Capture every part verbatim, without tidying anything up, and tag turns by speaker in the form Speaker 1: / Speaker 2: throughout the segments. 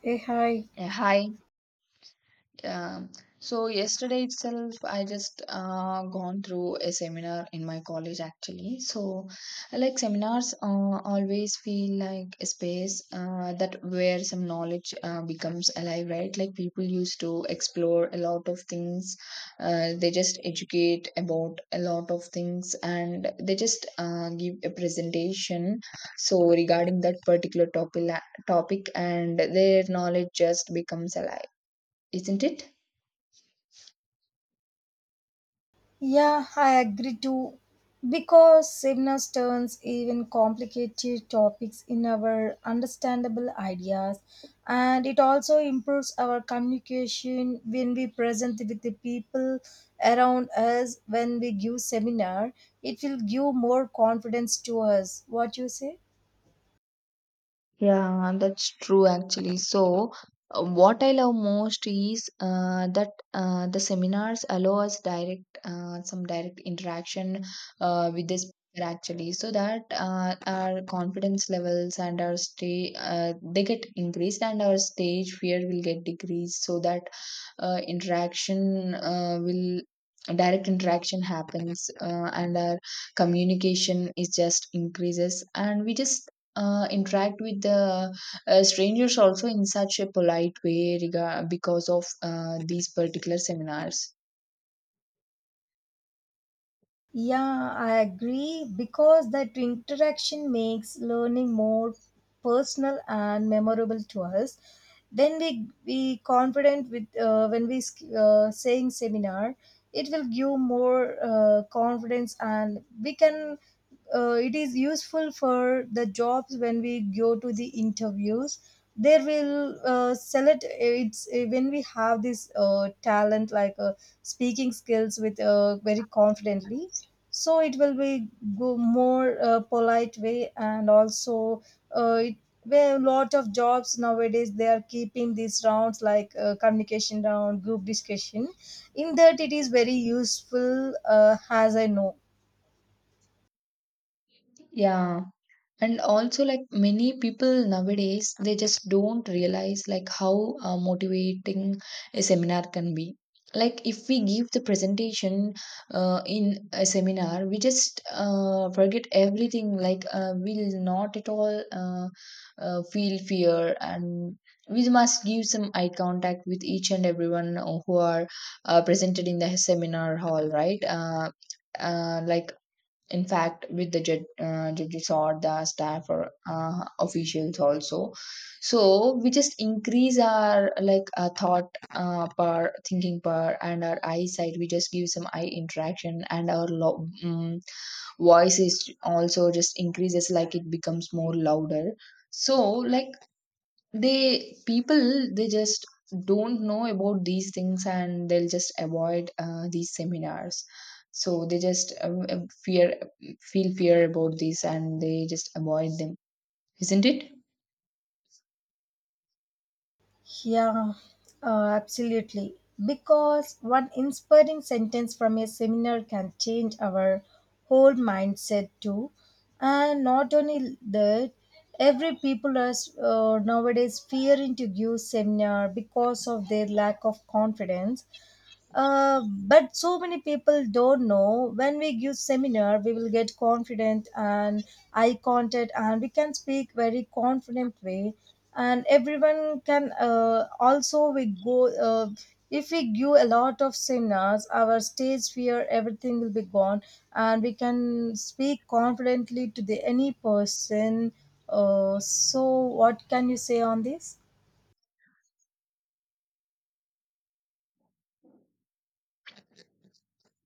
Speaker 1: Hey, hi.
Speaker 2: Yeah, hi. Um, so yesterday itself, I just uh, gone through a seminar in my college actually. So, I like seminars, uh, always feel like a space uh, that where some knowledge uh, becomes alive, right? Like people used to explore a lot of things. Uh, they just educate about a lot of things, and they just uh, give a presentation. So regarding that particular topic, topic, and their knowledge just becomes alive, isn't it?
Speaker 1: Yeah, I agree too. Because Sibnas turns even complicated topics in our understandable ideas, and it also improves our communication when we present with the people around us. When we give seminar, it will give more confidence to us. What you say?
Speaker 2: Yeah, that's true actually. So, uh, what I love most is uh, that uh, the seminars allow us direct uh, some direct interaction uh, with the speaker actually, so that uh, our confidence levels and our stay uh, they get increased and our stage fear will get decreased, so that uh, interaction uh, will direct interaction happens, uh, and our communication is just increases and we just uh, interact with the uh, strangers also in such a polite way rega- because of uh, these particular seminars.
Speaker 1: Yeah, I agree because that interaction makes learning more personal and memorable to us. When we be confident with uh, when we uh, saying seminar, it will give more uh, confidence and we can. Uh, it is useful for the jobs when we go to the interviews. There will uh, select uh, it's uh, when we have this uh, talent like uh, speaking skills with uh, very confidently, so it will be go more uh, polite way, and also uh, it where a lot of jobs nowadays they are keeping these rounds like uh, communication round group discussion. In that it is very useful, uh, as I know.
Speaker 2: Yeah, and also like many people nowadays, they just don't realize like how uh, motivating a seminar can be. Like if we give the presentation uh, in a seminar, we just uh, forget everything. Like uh, we'll not at all uh, uh, feel fear, and we must give some eye contact with each and everyone who are uh, presented in the seminar hall, right? Uh, uh, like in fact, with the judge, uh, judges or the staff or uh, officials also. So we just increase our like uh, thought uh, per thinking per and our eyesight. We just give some eye interaction and our lo- um, voice is also just increases. Like it becomes more louder. So like they people, they just don't know about these things and they'll just avoid uh, these seminars, so they just uh, uh, fear feel fear about these and they just avoid them, isn't it?
Speaker 1: Yeah, uh, absolutely. Because one inspiring sentence from a seminar can change our whole mindset too. And not only that, every people are uh, nowadays fearing to give seminar because of their lack of confidence. Uh, but so many people don't know when we give seminar we will get confident and eye contact, and we can speak very confident way and everyone can uh, also we go uh, if we give a lot of seminars our stage fear everything will be gone and we can speak confidently to the any person. Uh, so what can you say on this?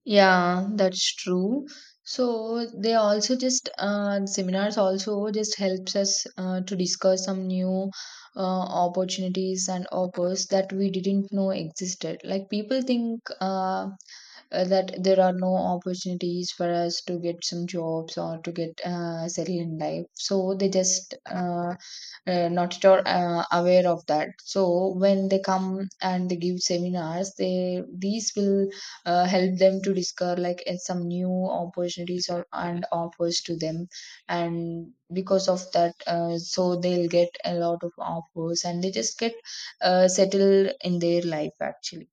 Speaker 2: Yeah, that's true. So they also just uh, seminars also just helps us uh, to discuss some new uh, opportunities and offers that we didn't know existed. Like people think uh, uh, that there are no opportunities for us to get some jobs or to get uh, settled in life, so they just uh, uh, not at all uh, aware of that. So when they come and they give seminars, they these will uh, help them to discover like uh, some new opportunities or and offers to them, and because of that uh, so they'll get a lot of offers and they just get uh, settled in their life actually.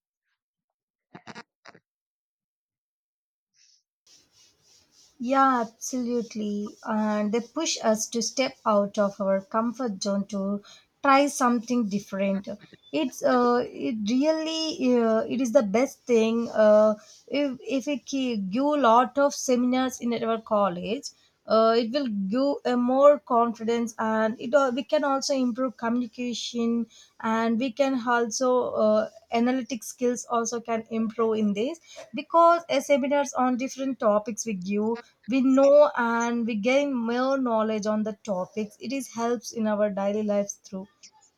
Speaker 1: Yeah, absolutely. And they push us to step out of our comfort zone to try something different. It's uh, it really uh, it is the best thing. Uh, if if we give a lot of seminars in our college, uh, it will give a more confidence, and it al- we can also improve communication, and we can also uh, analytic skills also can improve in this because a seminars on different topics we give, we know, and we gain more knowledge on the topics. It is helps in our daily lives through,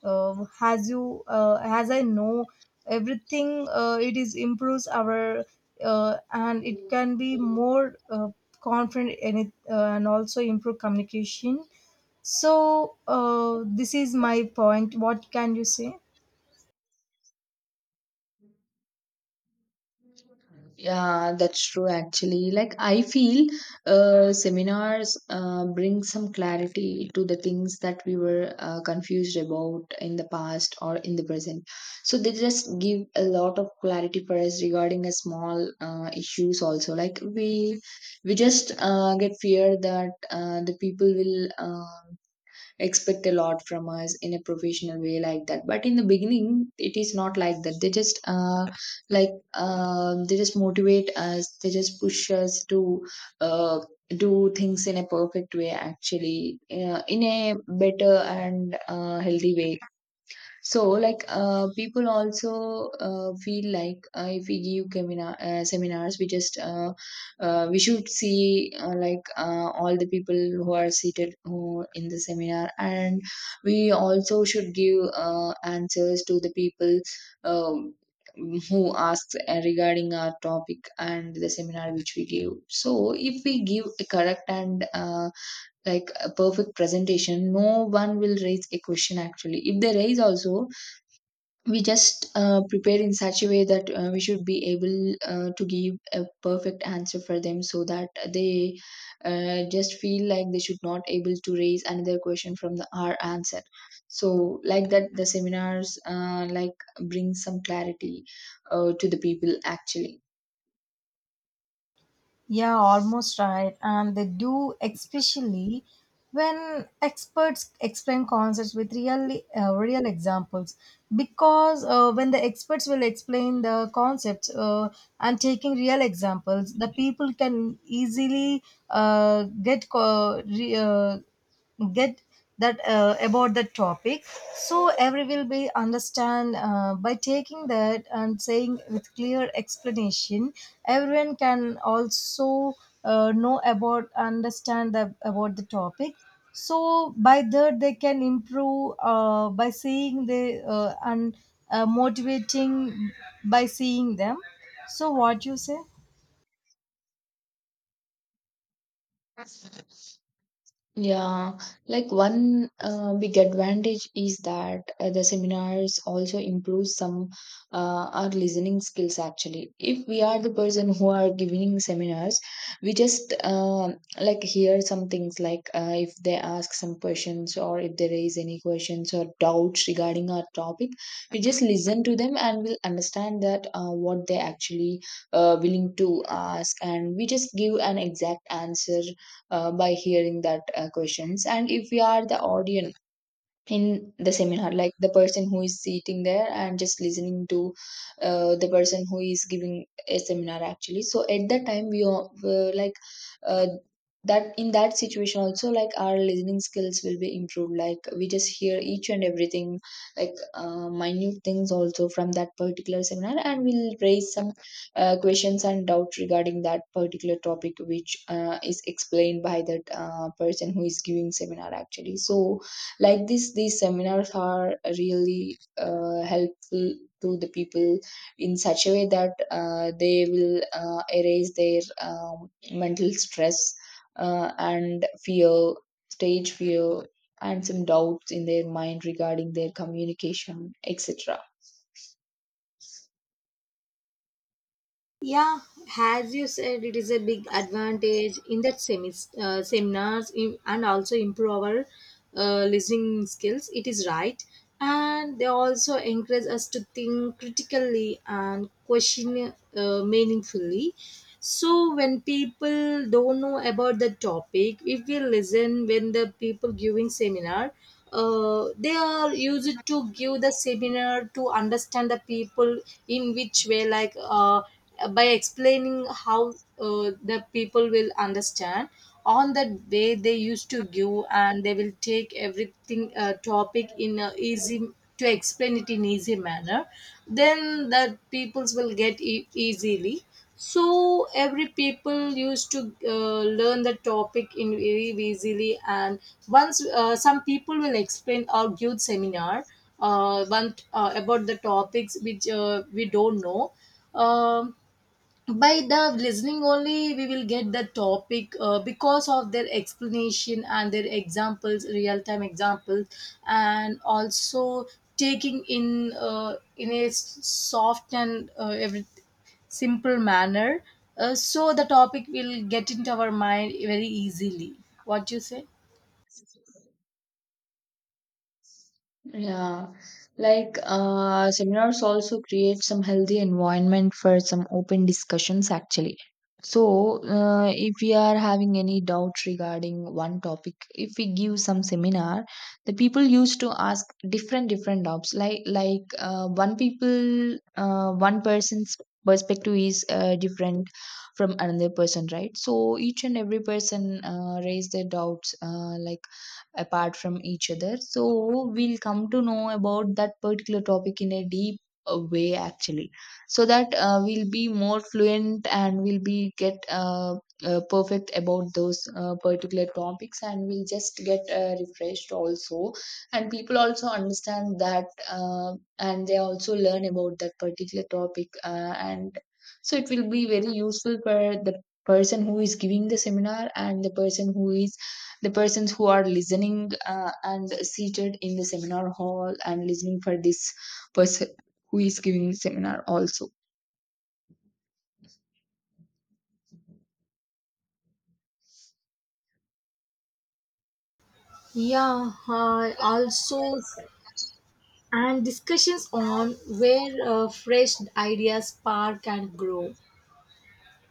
Speaker 1: uh, as you uh, as I know, everything uh, it is improves our uh, and it can be more uh, confident in it, uh, and also improve communication. So uh, this is my point. What can you say?
Speaker 2: Yeah, that's true actually. Like I feel uh, seminars uh, bring some clarity to the things that we were uh, confused about in the past or in the present. So they just give a lot of clarity for us regarding a small uh, issues also. Like we we just uh, get fear that uh, the people will um expect a lot from us in a professional way like that, but in the beginning it is not like that. They just uh, like um they just motivate us, they just push us to uh, do things in a perfect way actually, uh, in a better and uh, healthy way. So, like, uh, people also uh, feel like uh, if we give seminar, uh, seminars, we just uh, uh, we should see uh, like uh, all the people who are seated who in the seminar, and we also should give uh, answers to the people um, who asks uh, regarding our topic and the seminar which we give. So, if we give a correct and uh, like a perfect presentation, no one will raise a question. Actually, if they raise also, we just uh, prepare in such a way that uh, we should be able uh, to give a perfect answer for them, so that they uh, just feel like they should not able to raise another question from the our answer. So like that, the seminars uh, like bring some clarity uh, to the people actually.
Speaker 1: Yeah, almost right. And they do, especially when experts explain concepts with real, uh, real examples. Because uh, when the experts will explain the concepts uh, and taking real examples, the people can easily uh, get co- re- uh, get that uh, about the topic. So every will be understand uh, by taking that and saying with clear explanation, everyone can also uh, know about understand the, about the topic. So by that they can improve uh, by seeing the uh, and uh, motivating by seeing them. So what you say?
Speaker 2: Yeah, like one uh, big advantage is that uh, the seminars also improve some uh, our listening skills actually. If we are the person who are giving seminars, we just uh, like hear some things. Like uh, if they ask some questions or if they raise any questions or doubts regarding our topic, we just listen to them and we'll understand that uh, what they actually uh, willing to ask, and we just give an exact answer uh, by hearing that uh, questions. And if we are the audience in the seminar, like the person who is sitting there and just listening to uh, the person who is giving a seminar actually, so at that time we all were like uh, that in that situation also, like our listening skills will be improved. Like we just hear each and everything like uh, minute things also from that particular seminar, and we'll raise some uh, questions and doubts regarding that particular topic which uh, is explained by that uh, person who is giving seminar actually. So like this, these seminars are really uh, helpful to the people in such a way that uh, they will uh, erase their um, mental stress uh, and fear, stage fear, and some doubts in their mind regarding their communication, etc.
Speaker 1: Yeah, as you said, it is a big advantage in that semis, uh, seminars in, and also improve our uh, listening skills. It is right. And they also encourage us to think critically and question uh, meaningfully. So when people don't know about the topic, if we listen when the people giving seminar, uh, they are used to give the seminar to understand the people in which way, like uh, by explaining how uh, the people will understand. On that way they used to give, and they will take everything uh, topic in a easy to explain it in easy manner, then the peoples will get e- easily. So every people used to uh, learn the topic in very easily. And once uh, some people will explain or give seminar uh, one, uh, about the topics which uh, we don't know. Um, by the listening only we will get the topic, uh, because of their explanation and their examples real time examples, and also taking in uh, in a s- soft and uh, every simple manner. Uh, so the topic will get into our mind very easily. What do you say?
Speaker 2: Yeah, like uh, seminars also create some healthy environment for some open discussions actually. So, uh, if we are having any doubt regarding one topic, if we give some seminar, the people used to ask different different doubts. Like like uh, one people, uh, one person's perspective is uh, different from another person, right? So each and every person uh, raise their doubts, uh, like apart from each other. So we'll come to know about that particular topic in a deep uh, way actually, so that uh, we'll be more fluent and we'll be get uh, uh, perfect about those uh, particular topics, and we'll just get uh, refreshed also, and people also understand that uh, and they also learn about that particular topic, uh, and so it will be very useful for the person who is giving the seminar and the person who is the persons who are listening uh, and seated in the seminar hall and listening for this person who is giving seminar also.
Speaker 1: Yeah, uh, also, and discussions on where uh, fresh ideas spark and grow.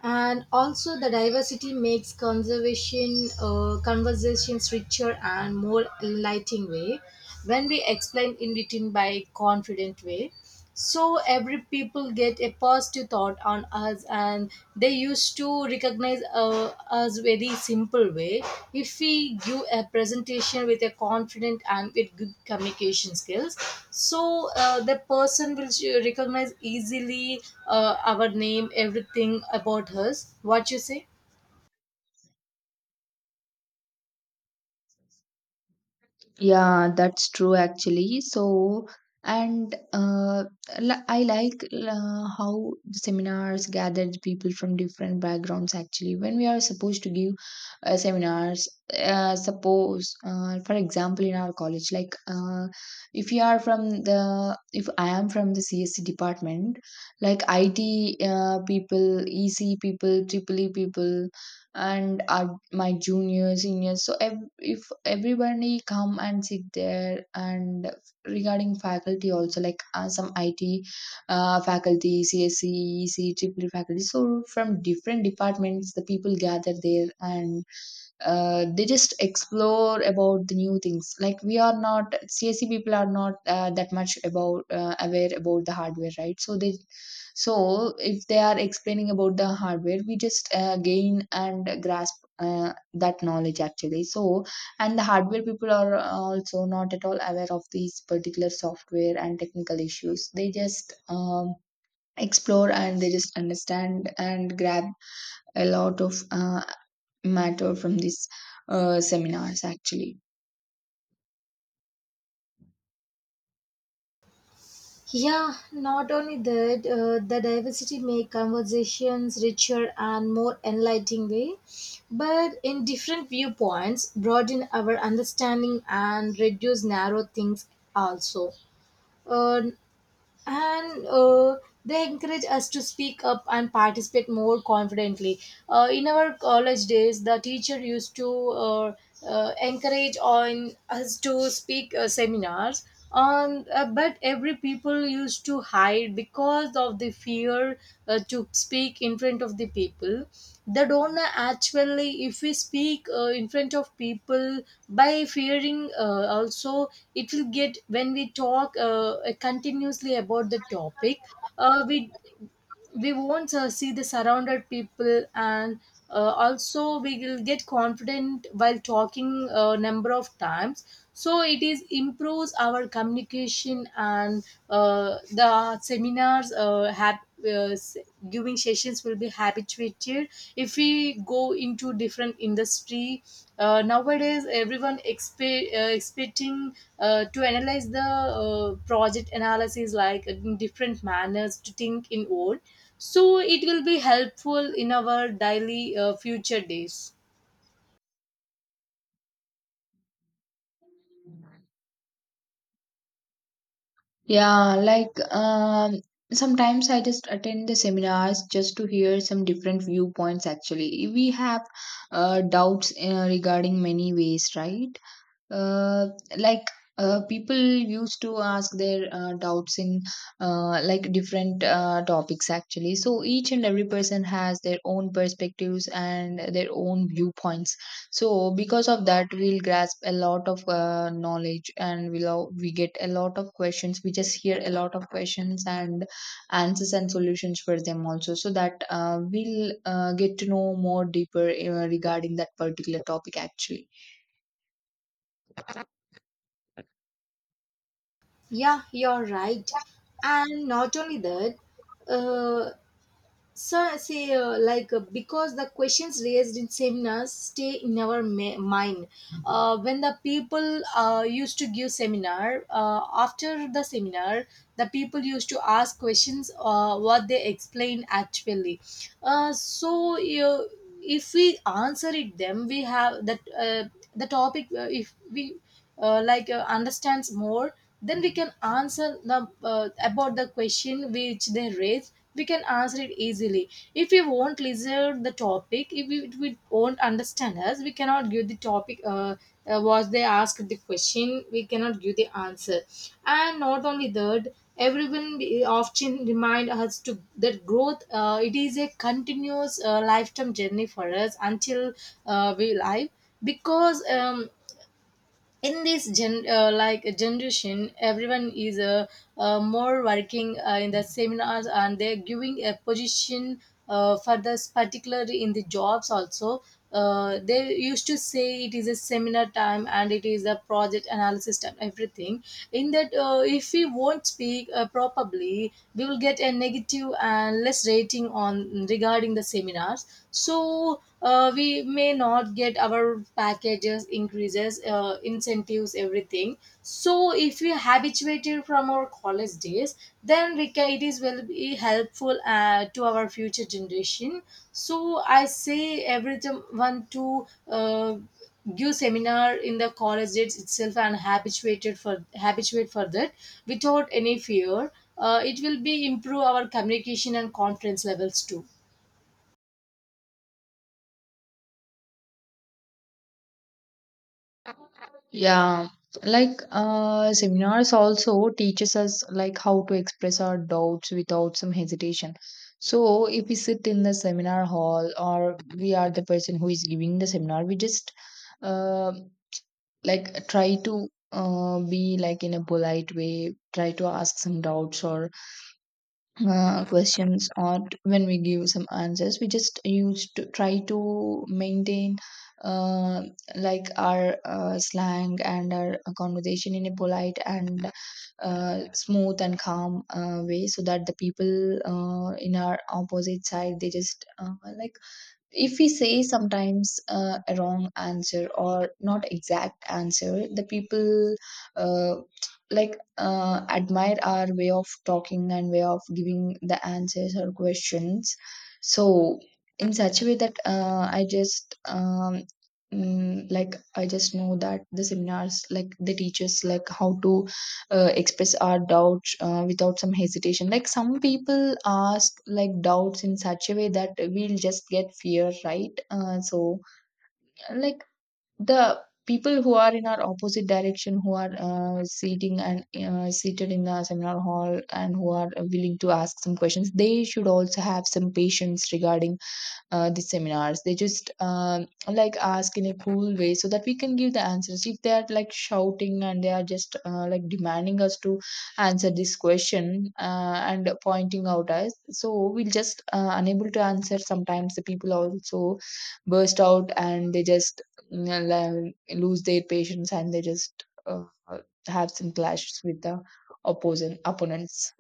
Speaker 1: And also the diversity makes conservation uh, conversations richer and more enlightening way. When we explain in written by confident way, so every people get a positive thought on us, and they used to to recognize uh, us very simple way. If we give a presentation with a confident and with good communication skills, so uh, the person will sh- recognize easily uh, our name everything about us. What you say?
Speaker 2: Yeah, that's true actually. So, and uh, li- I like uh, how the seminars gather the people from different backgrounds actually. When we are supposed to give uh, seminars, uh, suppose, uh, for example, in our college, like uh, if you are from the, if I am from the C S C department, like I T uh, people, E C people, triple E people, and our, my juniors seniors. So ev- if everybody come and sit there, and regarding faculty also, like uh, some it uh, faculty, C S C, E C, triple E faculty, so from different departments the people gather there, and uh, they just explore about the new things. Like we are not C S C, people are not uh, that much about uh, aware about the hardware, right? So they, so if they are explaining about the hardware, we just uh, gain and grasp uh, that knowledge actually. So, and the hardware people are also not at all aware of these particular software and technical issues. They just um, explore and they just understand and grab a lot of uh, matter from these uh, seminars actually.
Speaker 1: Yeah, not only that, uh, the diversity make conversations richer and more enlightening way, but in different viewpoints, broaden our understanding and reduce narrow things also. uh, and uh, they encourage us to speak up and participate more confidently. Uh, in our college days, the teacher used to uh, uh, encourage on us to speak uh, seminars. On uh, but every people used to hide because of the fear uh, to speak in front of the people. They don't actually if we speak uh, in front of people by fearing uh, also, it will get when we talk uh, continuously about the topic, uh, we we won't uh, see the surrounded people. And uh, also we will get confident while talking a number of times, so it is improves our communication. And uh, the seminars uh, have uh, s- giving sessions will be habituated future. If we go into different industry, uh, nowadays everyone expe- uh, expecting uh, to analyze the uh, project analysis like in different manners to think in old, so it will be helpful in our daily uh, future days.
Speaker 2: Yeah, like um sometimes I just attend the seminars just to hear some different viewpoints actually. We have uh, doubts uh, regarding many ways, right? Uh, like uh, people used to ask their uh, doubts in uh, like different uh, topics actually. So each and every person has their own perspectives and their own viewpoints. So because of that, we'll grasp a lot of uh, knowledge, and we'll all- we get a lot of questions. We just hear a lot of questions and answers and solutions for them also, so that uh, we'll uh, get to know more deeper uh, regarding that particular topic actually.
Speaker 1: Yeah, you're right. And not only that, uh, so, I say uh, like uh, because the questions raised in seminars stay in our ma- mind. Uh, when the people uh, used to give seminar, uh, after the seminar, the people used to ask questions uh, what they explained actually. Uh, so, you, if we answer it them, we have that uh, the topic. Uh, if we uh, like uh, understands more, then we can answer the uh, about the question which they raise, we can answer it easily. If we won't listen the topic, if we, if we won't understand us, we cannot give the topic, uh, uh, was they asked the question we cannot give the answer. And not only that, everyone be- often remind us to that growth, uh, it is a continuous uh, lifetime journey for us until uh, we live. Because um, in this gen uh, like generation everyone is uh, uh, more working uh, in the seminars, and they're giving a position uh, for this particularly in the jobs also. Uh, they used to say it is a seminar time and it is a project analysis time everything. In that, uh, if we won't speak uh, properly, we will get a negative and less rating on regarding the seminars, so uh, we may not get our packages increases, uh, incentives everything. So if we habituated from our college days, then we can, it is will be helpful uh, to our future generation. So I say everyone to uh, give seminar in the college days itself and habituated for habituate for that, without any fear. Uh, it will be improve our communication and confidence levels too.
Speaker 2: Yeah, like uh, seminars also teaches us like how to express our doubts without some hesitation. So if we sit in the seminar hall or we are the person who is giving the seminar, we just uh, like try to uh, be like in a polite way, try to ask some doubts or uh, questions or t- when we give some answers we just use to try to maintain uh, like our uh, slang and our uh, conversation in a polite and uh, smooth and calm uh, way so that the people uh, in our opposite side they just uh, like if we say sometimes uh, a wrong answer or not exact answer the people uh, like uh, admire our way of talking and way of giving the answers or questions so in such a way that uh, I just um, mm, like I just know that the seminars like the teachers like how to uh, express our doubts uh, without some hesitation. Like some people ask like doubts in such a way that we'll just get fear, right? Uh, so like the people who are in our opposite direction who are uh, sitting and uh, seated in the seminar hall and who are willing to ask some questions they should also have some patience regarding uh, the seminars. They just um, like ask in a cool way so that we can give the answers. If they are like shouting and they are just uh, like demanding us to answer this question uh, and pointing out us, so we'll just uh, unable to answer. Sometimes the people also burst out and they just mm, uh, la- lose their patience and they just uh, have some clashes with the opposing opponents.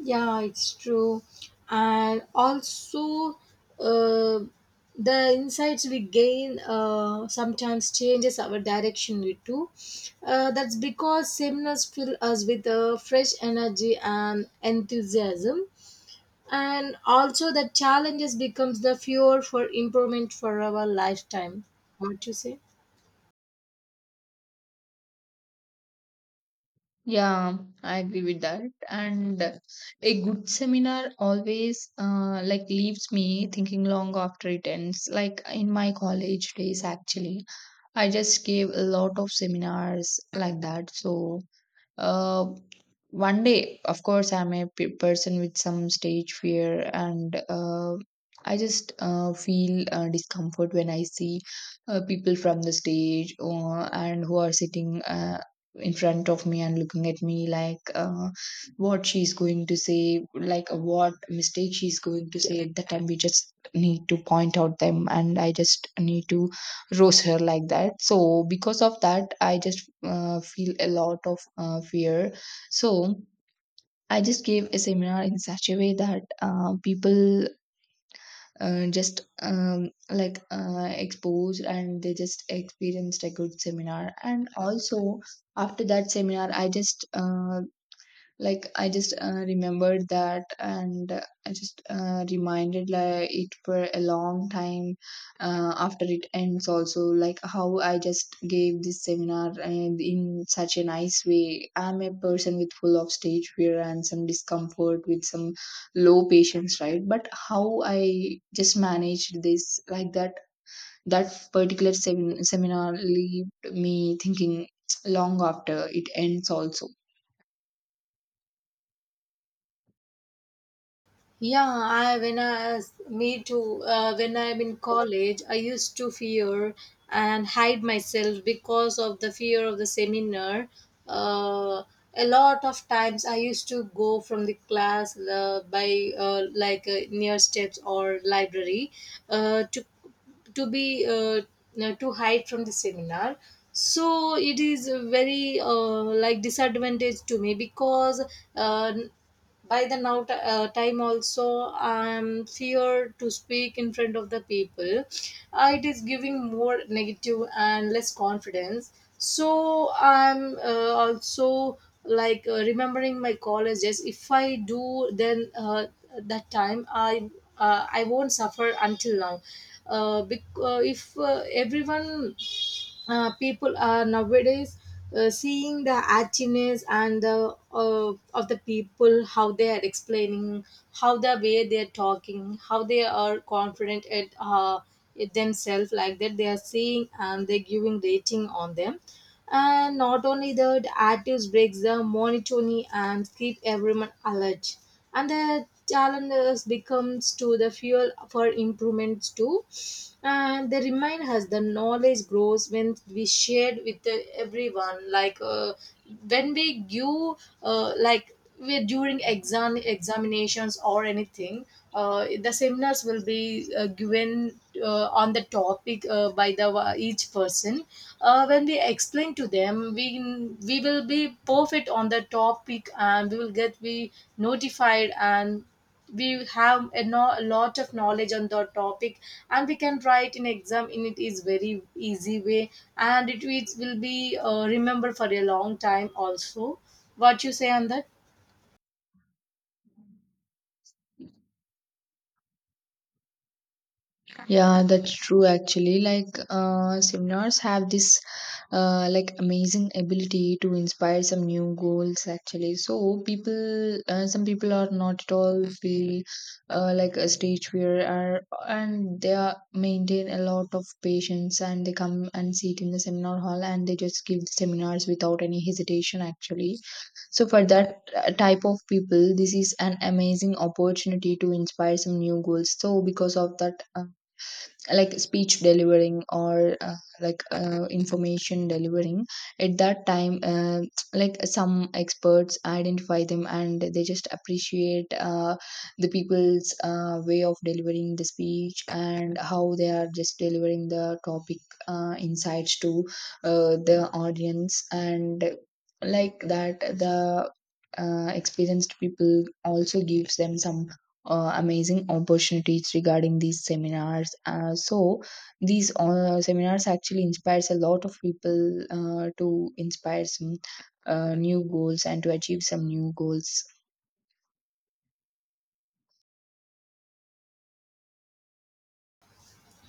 Speaker 1: Yeah, it's true. And also, uh, the insights we gain uh, sometimes changes our direction too. Uh, that's because seminars fill us with uh, fresh energy and enthusiasm. And also, the challenges becomes the fuel for improvement for our lifetime. What you say?
Speaker 2: Yeah, I agree with that. And a good seminar always uh, like leaves me thinking long after it ends. Like in my college days, actually, I just gave a lot of seminars like that. So uh, one day, of course, I'm a p- person with some stage fear, and uh, I just uh, feel uh, discomfort when I see uh, people from the stage or, and who are sitting Uh, in front of me and looking at me like uh, what she's going to say, like what mistake she's going to say. At that time, we just need to point out them, and I just need to roast her like that. So because of that, I just uh, feel a lot of uh, fear. So I just gave a seminar in such a way that uh, people uh, just um, like uh, exposed and they just experienced a good seminar, and also after that seminar I just uh, like I just uh, remembered that, and uh, I just uh, reminded like it for a long time uh, after it ends also, like how I just gave this seminar and in such a nice way. I'm a person with full of stage fear and some discomfort with some low patience, right? But how I just managed this like that, that particular semin- seminar leave me thinking long after it ends also.
Speaker 1: Yeah, I when I as- me too. Uh, when I'm in college, I used to fear and hide myself because of the fear of the seminar. Uh, a lot of times I used to go from the class uh, by uh, like uh, near steps or library uh, to to be uh, no, to hide from the seminar. So it is a very uh, like disadvantage to me. Because uh, by the now t- uh, time also, I'm feared to speak in front of the people. Uh, it is giving more negative and less confidence. So I'm uh, also like uh, remembering my colleges. If I do, then uh, that time I uh, I won't suffer until now. uh, bec- uh, if uh, everyone uh, people are nowadays uh, seeing the actiness and the uh, of the people, how they are explaining, how the way they are talking, how they are confident at uh, it themselves, like that they are seeing and they're giving rating on them. And not only that, actives breaks the monotony and keep everyone alert. And the challenges becomes to the fuel for improvements too. And they remind us the knowledge grows when we shared with the, everyone. Like uh, when we give, uh, like we- during exam examinations or anything, uh, the seminars will be uh, given uh, on the topic uh, by the uh, each person. Uh, when we explain to them, we we will be perfect on the topic and we will get be notified, and we have a, no, a lot of knowledge on the topic, and we can write in exam in it is very easy way, and it, it will be uh, remembered for a long time also. What you say on that?
Speaker 2: Yeah, that's true actually. Like, uh, seminars have this uh, like amazing ability to inspire some new goals actually. So people, uh, some people are not at all feel uh, like a stage fear are, and they are maintain a lot of patience and they come and sit in the seminar hall and they just give the seminars without any hesitation actually. So for that uh, type of people, this is an amazing opportunity to inspire some new goals. So because of that, uh, like speech delivering or uh, like uh, information delivering at that time, uh, like some experts identify them and they just appreciate uh, the people's uh, way of delivering the speech and how they are just delivering the topic uh, insights to uh, the audience, and like that the uh, experienced people also gives them some uh, amazing opportunities regarding these seminars. Uh, so these uh, seminars actually inspires a lot of people uh, to inspire some uh, new goals and to achieve some new goals.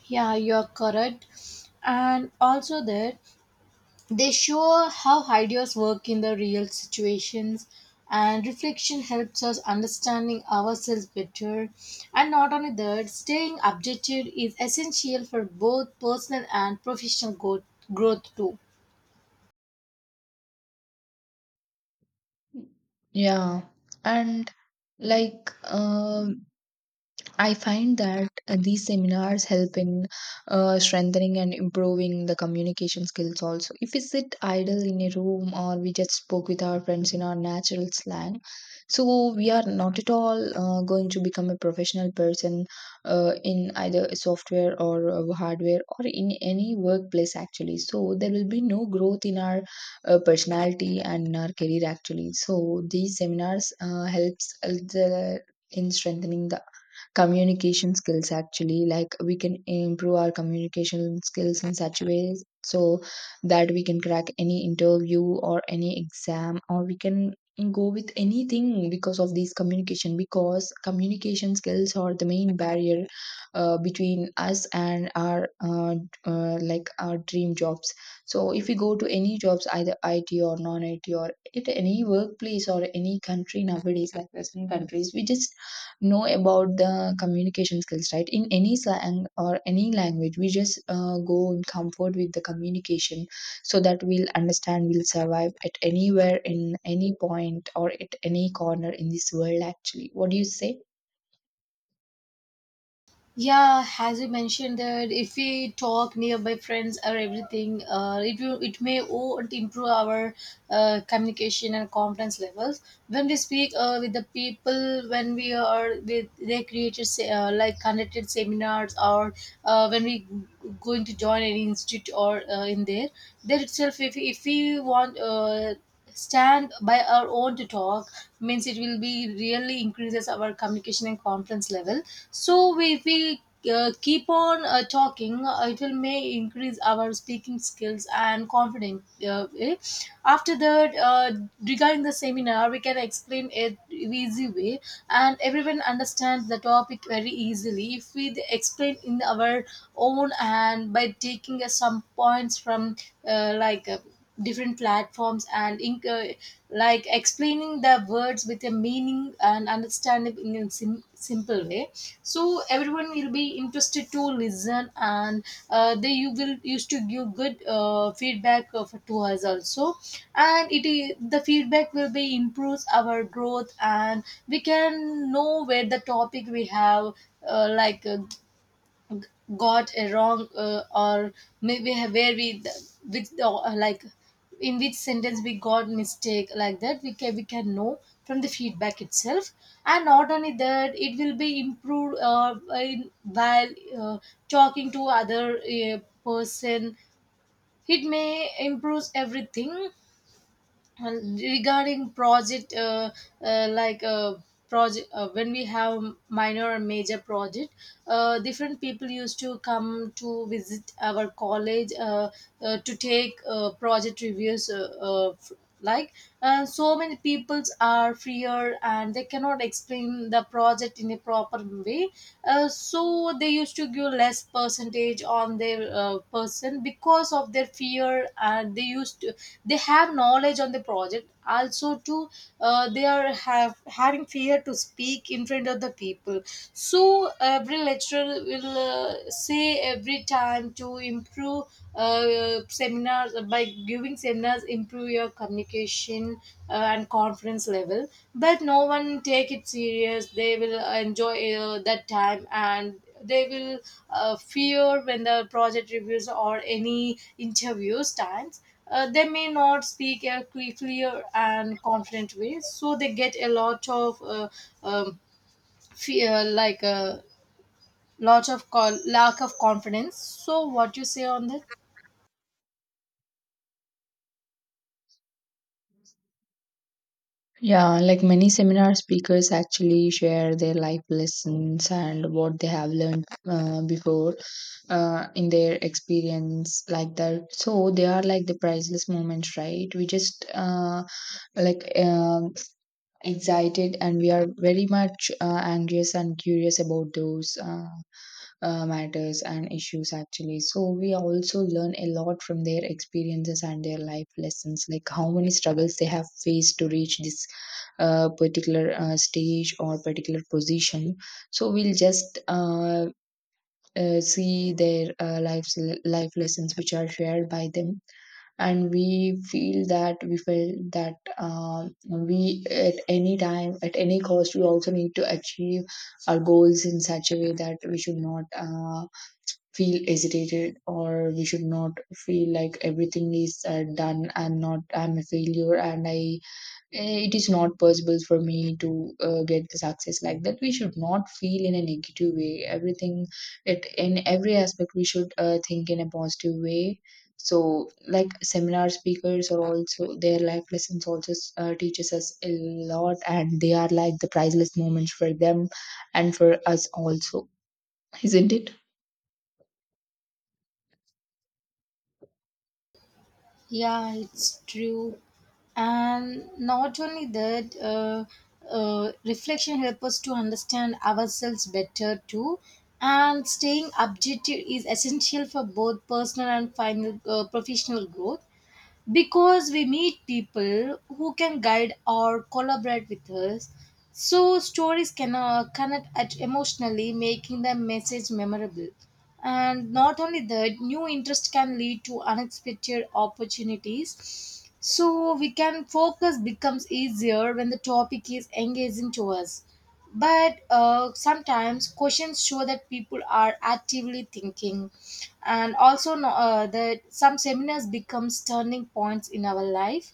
Speaker 1: Yeah, you're correct. And also that they show how ideas work in the real situations, and reflection helps us understanding ourselves better. And not only that, staying objective is essential for both personal and professional go- growth too.
Speaker 2: Yeah, and like um I find that uh, these seminars help in uh, strengthening and improving the communication skills also. If we sit idle in a room or we just spoke with our friends in our natural slang, so we are not at all uh, going to become a professional person uh, in either software or uh, hardware or in any workplace actually. So there will be no growth in our uh, personality and in our career actually. So these seminars uh, helps uh, the in strengthening the communication skills actually. Like we can improve our communication skills in such ways so that we can crack any interview or any exam, or we can go with anything because of these communication, because communication skills are the main barrier uh, between us and our uh, uh, like our dream jobs. So if we go to any jobs, either IT or non IT or at any workplace or any country nowadays like western countries, we just know about the communication skills, right? In any slang or any language we just uh, go in comfort with the communication, so that we'll understand, we'll survive at anywhere in any point or at any corner in this world actually. What do you say?
Speaker 1: Yeah, as you mentioned that if we talk nearby friends or everything, uh, it will, it may will improve our uh, communication and confidence levels. When we speak uh, with the people, when we are with they created se- uh, like conducted seminars, or uh, when we g- going to join an institute or uh, in there, there itself if if we want. Uh, stand by our own to talk means it will be really increases our communication and confidence level. So we, if we uh, keep on uh, talking, uh, it will may increase our speaking skills and confidence uh, eh. After that, uh, regarding the seminar, we can explain it in easy way, and everyone understands the topic very easily if we explain in our own and by taking uh, some points from uh, like uh, different platforms, and in, uh, like explaining the words with a meaning and understanding in a sim- simple way, so everyone will be interested to listen. And uh, they, you will used to give good uh, feedback of, to us also, and it is the feedback will be improves our growth. And we can know where the topic we have uh, like uh, got a wrong uh, or maybe where we with the, like in which sentence we got mistake, like that we can we can know from the feedback itself. And not only that, it will be improved uh, in, while uh, talking to other uh, person, it may improves everything. And regarding project uh, uh, like uh, project, uh, when we have minor or major project, uh, different people used to come to visit our college, uh, uh, to take uh, project reviews. uh, uh, f- like uh, so many peoples are freer and they cannot explain the project in a proper way, uh, so they used to give less percentage on their uh, person because of their fear. And they used to they have knowledge on the project also too, uh, they are have having fear to speak in front of the people. So every lecturer will uh, say every time to improve, uh, seminars, by giving seminars improve your communication uh, and confidence level, but no one take it serious. They will enjoy uh, that time, and they will uh, fear when the project reviews or any interviews times, uh, they may not speak a cle- clear and confident way, so they get a lot of uh, um, fear, like a lot of co- lack of confidence. So what you say on that?
Speaker 2: Yeah, like many seminar speakers actually share their life lessons and what they have learned uh, before uh, in their experience, like that. So they are like the priceless moments, right? We just uh, like uh, excited and we are very much uh, anxious and curious about those uh, uh, matters and issues actually. So we also learn a lot from their experiences and their life lessons, like how many struggles they have faced to reach this uh, particular uh, stage or particular position. So we'll just uh, uh, see their uh, life life lessons which are shared by them, and we feel that, we feel that um, we at any time at any cost we also need to achieve our goals in such a way that we should not uh, feel hesitated, or we should not feel like everything is uh, done. I'm not, I'm a failure, and I, eh, it is not possible for me to uh, get the success, like that we should not feel. In a negative way everything, it in every aspect we should uh, think in a positive way. So like seminar speakers are also, their life lessons also uh, teaches us a lot, and they are like the priceless moments for them and for us also. Isn't it?
Speaker 1: Yeah, it's true. And not only that, uh, uh, reflection helps us to understand ourselves better too. And staying objective is essential for both personal and final uh, professional growth, because we meet people who can guide or collaborate with us. So stories can uh, connect at emotionally, making the message memorable. And not only that, new interest can lead to unexpected opportunities. So we can focus becomes easier when the topic is engaging to us, but uh, sometimes questions show that people are actively thinking. And also no- uh, that some seminars becomes turning points in our life,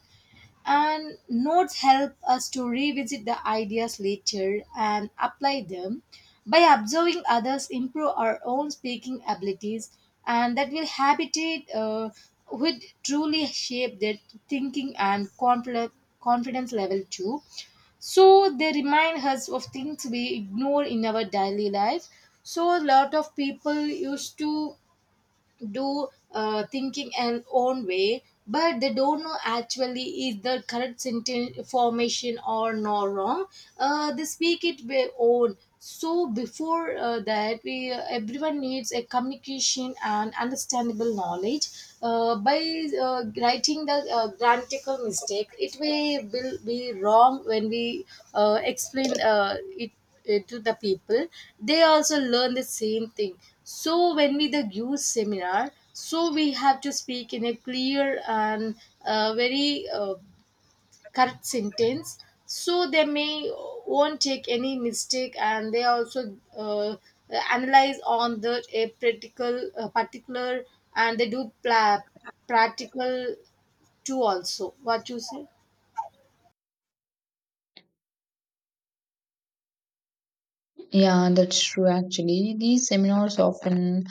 Speaker 1: and notes help us to revisit the ideas later and apply them. By observing others, improve our own speaking abilities, and that will habitate uh, would truly shape their thinking and confidence confidence level too. So they remind us of things we ignore in our daily life. So a lot of people used to do uh, thinking and own way, but they don't know actually is the correct sentence formation or not wrong. Uh, they speak it their own, so before uh, that, we uh, everyone needs a communication and understandable knowledge uh, by uh, writing the uh, grammatical mistakes. it will, will be wrong when we uh, explain uh, it, eh, to the people, they also learn the same thing. So when we the youth seminar, so we have to speak in a clear and uh, very uh, correct sentence, so they may won't take any mistake, and they also uh, analyze on the a practical uh, particular, and they do pla- practical too also. What you say?
Speaker 2: Yeah, that's true actually. These seminars often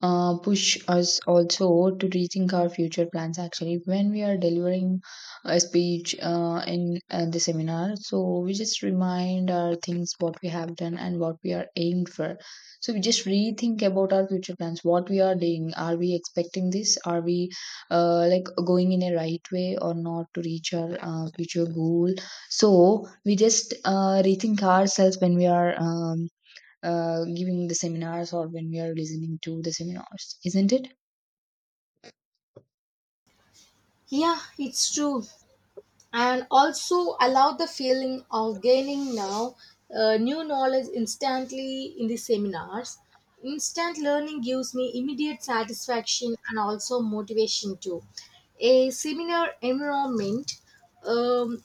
Speaker 2: uh, push us also to rethink our future plans actually when we are delivering a speech uh, in uh, the seminar. So we just remind our things what we have done and what we are aimed for. So we just rethink about our future plans, what we are doing. Are we expecting this? Are we uh, like going in a right way or not to reach our uh, future goal? So we just uh, rethink ourselves when we are um, uh, giving the seminars or when we are listening to the seminars, isn't it?
Speaker 1: Yeah, it's true. And also allow the feeling of gaining now uh, new knowledge instantly in the seminars. Instant learning gives me immediate satisfaction and also motivation too. A seminar environment, um,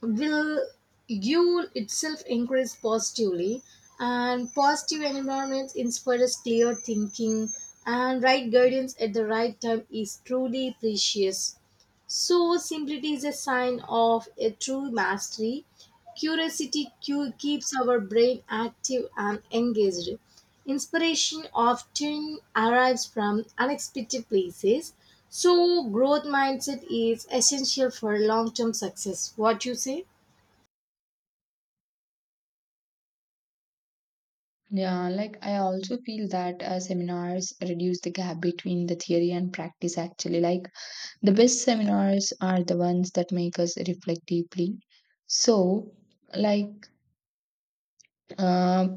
Speaker 1: will you itself increase positively, and positive environments inspires clear thinking, and right guidance at the right time is truly precious. So simplicity is a sign of a true mastery. Curiosity cu- keeps our brain active and engaged. Inspiration often arrives from unexpected places. So growth mindset is essential for long term success. What you say?
Speaker 2: Yeah, like I also feel that uh, seminars reduce the gap between the theory and practice actually. Like the best seminars are the ones that make us reflect deeply. So, like, uh,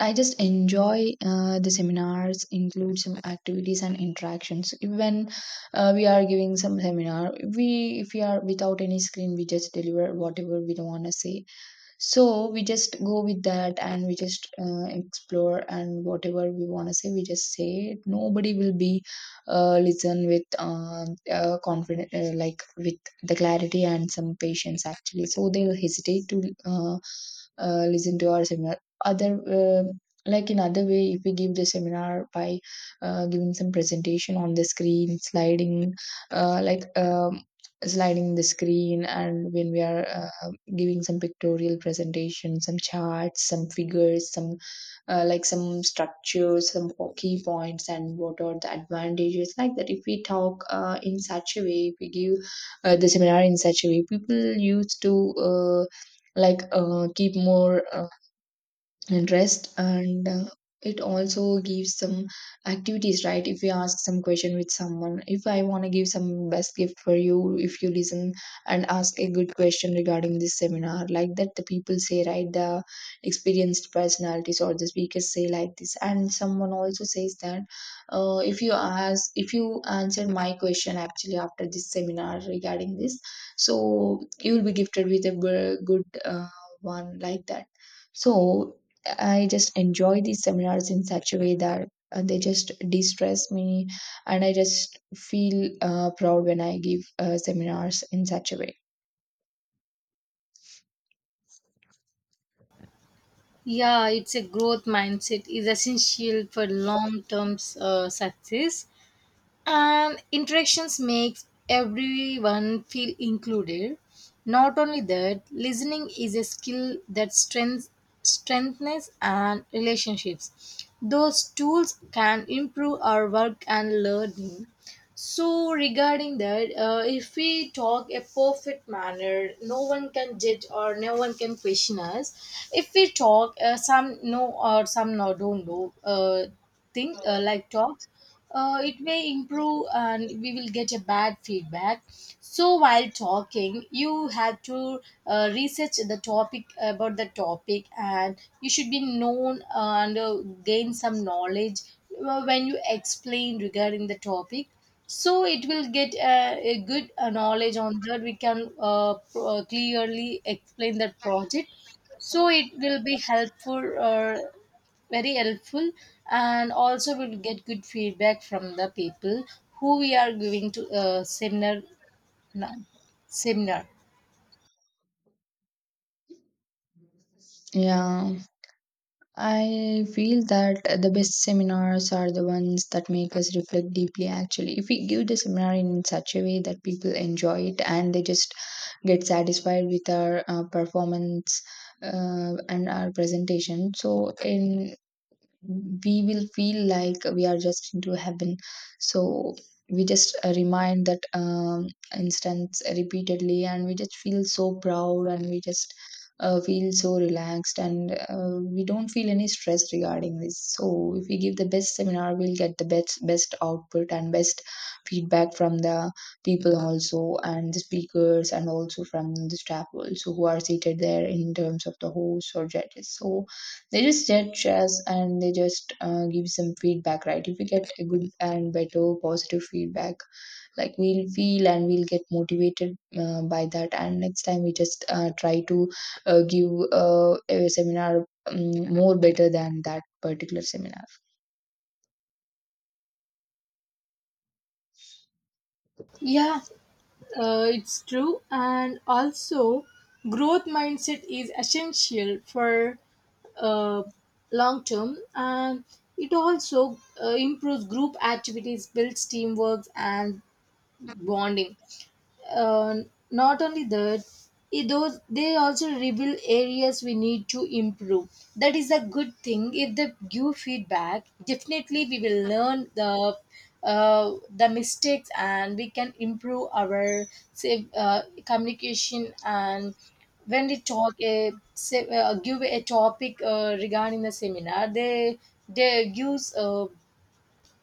Speaker 2: I just enjoy uh, the seminars, include some activities and interactions. Even uh, we are giving some seminar, we, if we are without any screen, we just deliver whatever we don't want to say. So we just go with that and we just uh, explore, and whatever we want to say, we just say it. Nobody will be uh, listen with um uh, confident, uh, like with the clarity and some patience actually. So they will hesitate to uh, uh, listen to our seminar. Other uh, like in other way, if we give the seminar by uh, giving some presentation on the screen, sliding, uh, like um, sliding the screen, and when we are uh, giving some pictorial presentation, some charts, some figures, some uh, like some structures, some po- key points and what are the advantages, like that if we talk uh, in such a way, if we give uh, the seminar in such a way, people used to uh, like uh, keep more uh, and rest, and uh, it also gives some activities, right? If you ask some question with someone, if I want to give some best gift for you if you listen and ask a good question regarding this seminar, like that the people say, right? The experienced personalities or the speakers say like this, and someone also says that uh, if you ask, if you answer my question actually after this seminar regarding this, so you will be gifted with a bu- good uh, one, like that. So I just enjoy these seminars in such a way that uh, they just de-stress me, and I just feel uh, proud when I give uh, seminars in such a way.
Speaker 1: Yeah, it's a growth mindset is essential for long-term uh, success. And interactions makes everyone feel included. Not only that, listening is a skill that strengths strengthens and relationships. Those tools can improve our work and learning. So regarding that, uh, if we talk a perfect manner, no one can judge or no one can question us. If we talk uh, some know or some no don't know uh, thing uh, like talks, uh, it may improve and we will get a bad feedback. So while talking, you have to uh, research the topic about the topic, and you should be known and uh, gain some knowledge uh, when you explain regarding the topic. So it will get a, a good uh, knowledge on that, we can uh, p- uh, clearly explain that project, so it will be helpful, uh, very helpful, and also will get good feedback from the people who we are giving to uh, seminar now. Seminar.
Speaker 2: Yeah, I feel that the best seminars are the ones that make us reflect deeply. Actually, if we give the seminar in such a way that people enjoy it and they just get satisfied with our uh, performance uh, and our presentation, so in we will feel like we are just into heaven. So we just uh, remind that um, instance repeatedly, and we just feel so proud and we just uh, feel so relaxed, and uh, we don't feel any stress regarding this. So if we give the best seminar we'll get the best best output and best feedback from the people also, and the speakers and also from the staff also who are seated there in terms of the hosts or judges. So they just judge us and they just uh, give some feedback, right? If we get a good and better positive feedback, like we'll feel and we'll get motivated uh, by that, and next time we just uh, try to uh, give uh, a seminar um, more better than that particular seminar.
Speaker 1: Yeah. Uh, it's true, and also growth mindset is essential for uh, long term, and it also uh, improves group activities, builds teamwork and bonding. uh, Not only that, it- those, they also reveal areas we need to improve. That is a good thing. If they give feedback, definitely we will learn the uh, the mistakes, and we can improve our say, uh, communication. And when we talk a say, uh, give a topic uh, regarding the seminar, they they use uh,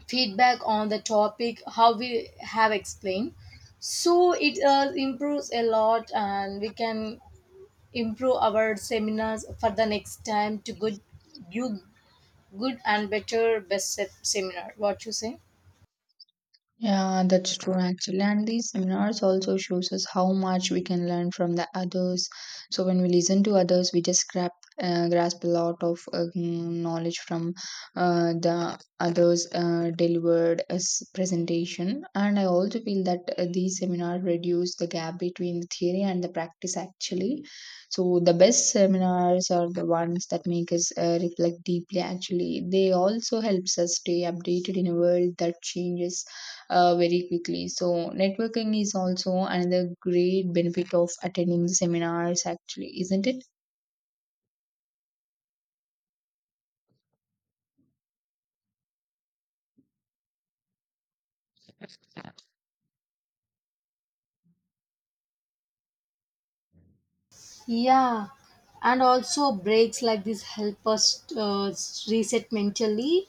Speaker 1: feedback on the topic how we have explained. So it uh, improves a lot, and we can improve our seminars for the next time to good you good and better best se- seminar. What you say?
Speaker 2: Yeah, that's true actually. And these seminars also shows us how much we can learn from the others. So when we listen to others, we just grab, uh, grasp a lot of uh, mm, knowledge from uh, the others uh, delivered as presentation. And I also feel that uh, these seminars reduce the gap between the theory and the practice actually. So the best seminars are the ones that make us uh, reflect deeply actually. They also helps us stay updated in a world that changes uh, very quickly. So, networking is also another great benefit of attending the seminars, actually, isn't it?
Speaker 1: Yeah, and also breaks like this help us uh, reset mentally.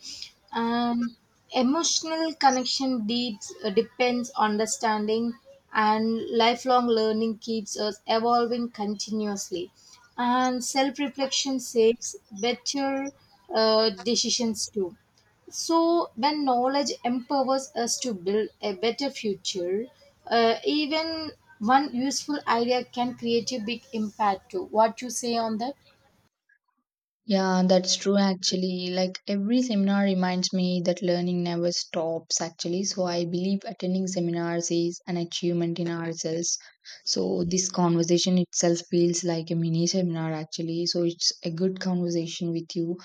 Speaker 1: And emotional connection deeps, uh, depends understanding, and lifelong learning keeps us evolving continuously. And self reflection saves better uh, decisions too. So, when knowledge empowers us to build a better future, uh, even one useful idea can create a big impact too. What you say on that?
Speaker 2: Yeah, that's true actually. Like every seminar reminds me that learning never stops actually. So I believe attending seminars is an achievement in ourselves. So this conversation itself feels like a mini seminar actually. So it's a good conversation with you.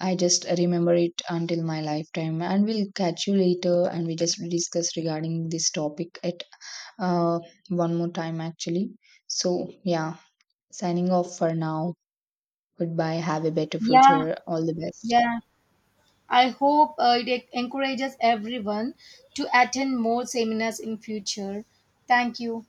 Speaker 2: I just remember it until my lifetime and we'll catch you later, and we just discuss regarding this topic at uh, one more time actually. So, yeah, signing off for now. Goodbye. Have a better
Speaker 1: Yeah,
Speaker 2: future. All the best.
Speaker 1: yeah. I hope uh, it encourages everyone to attend more seminars in future. Thank you.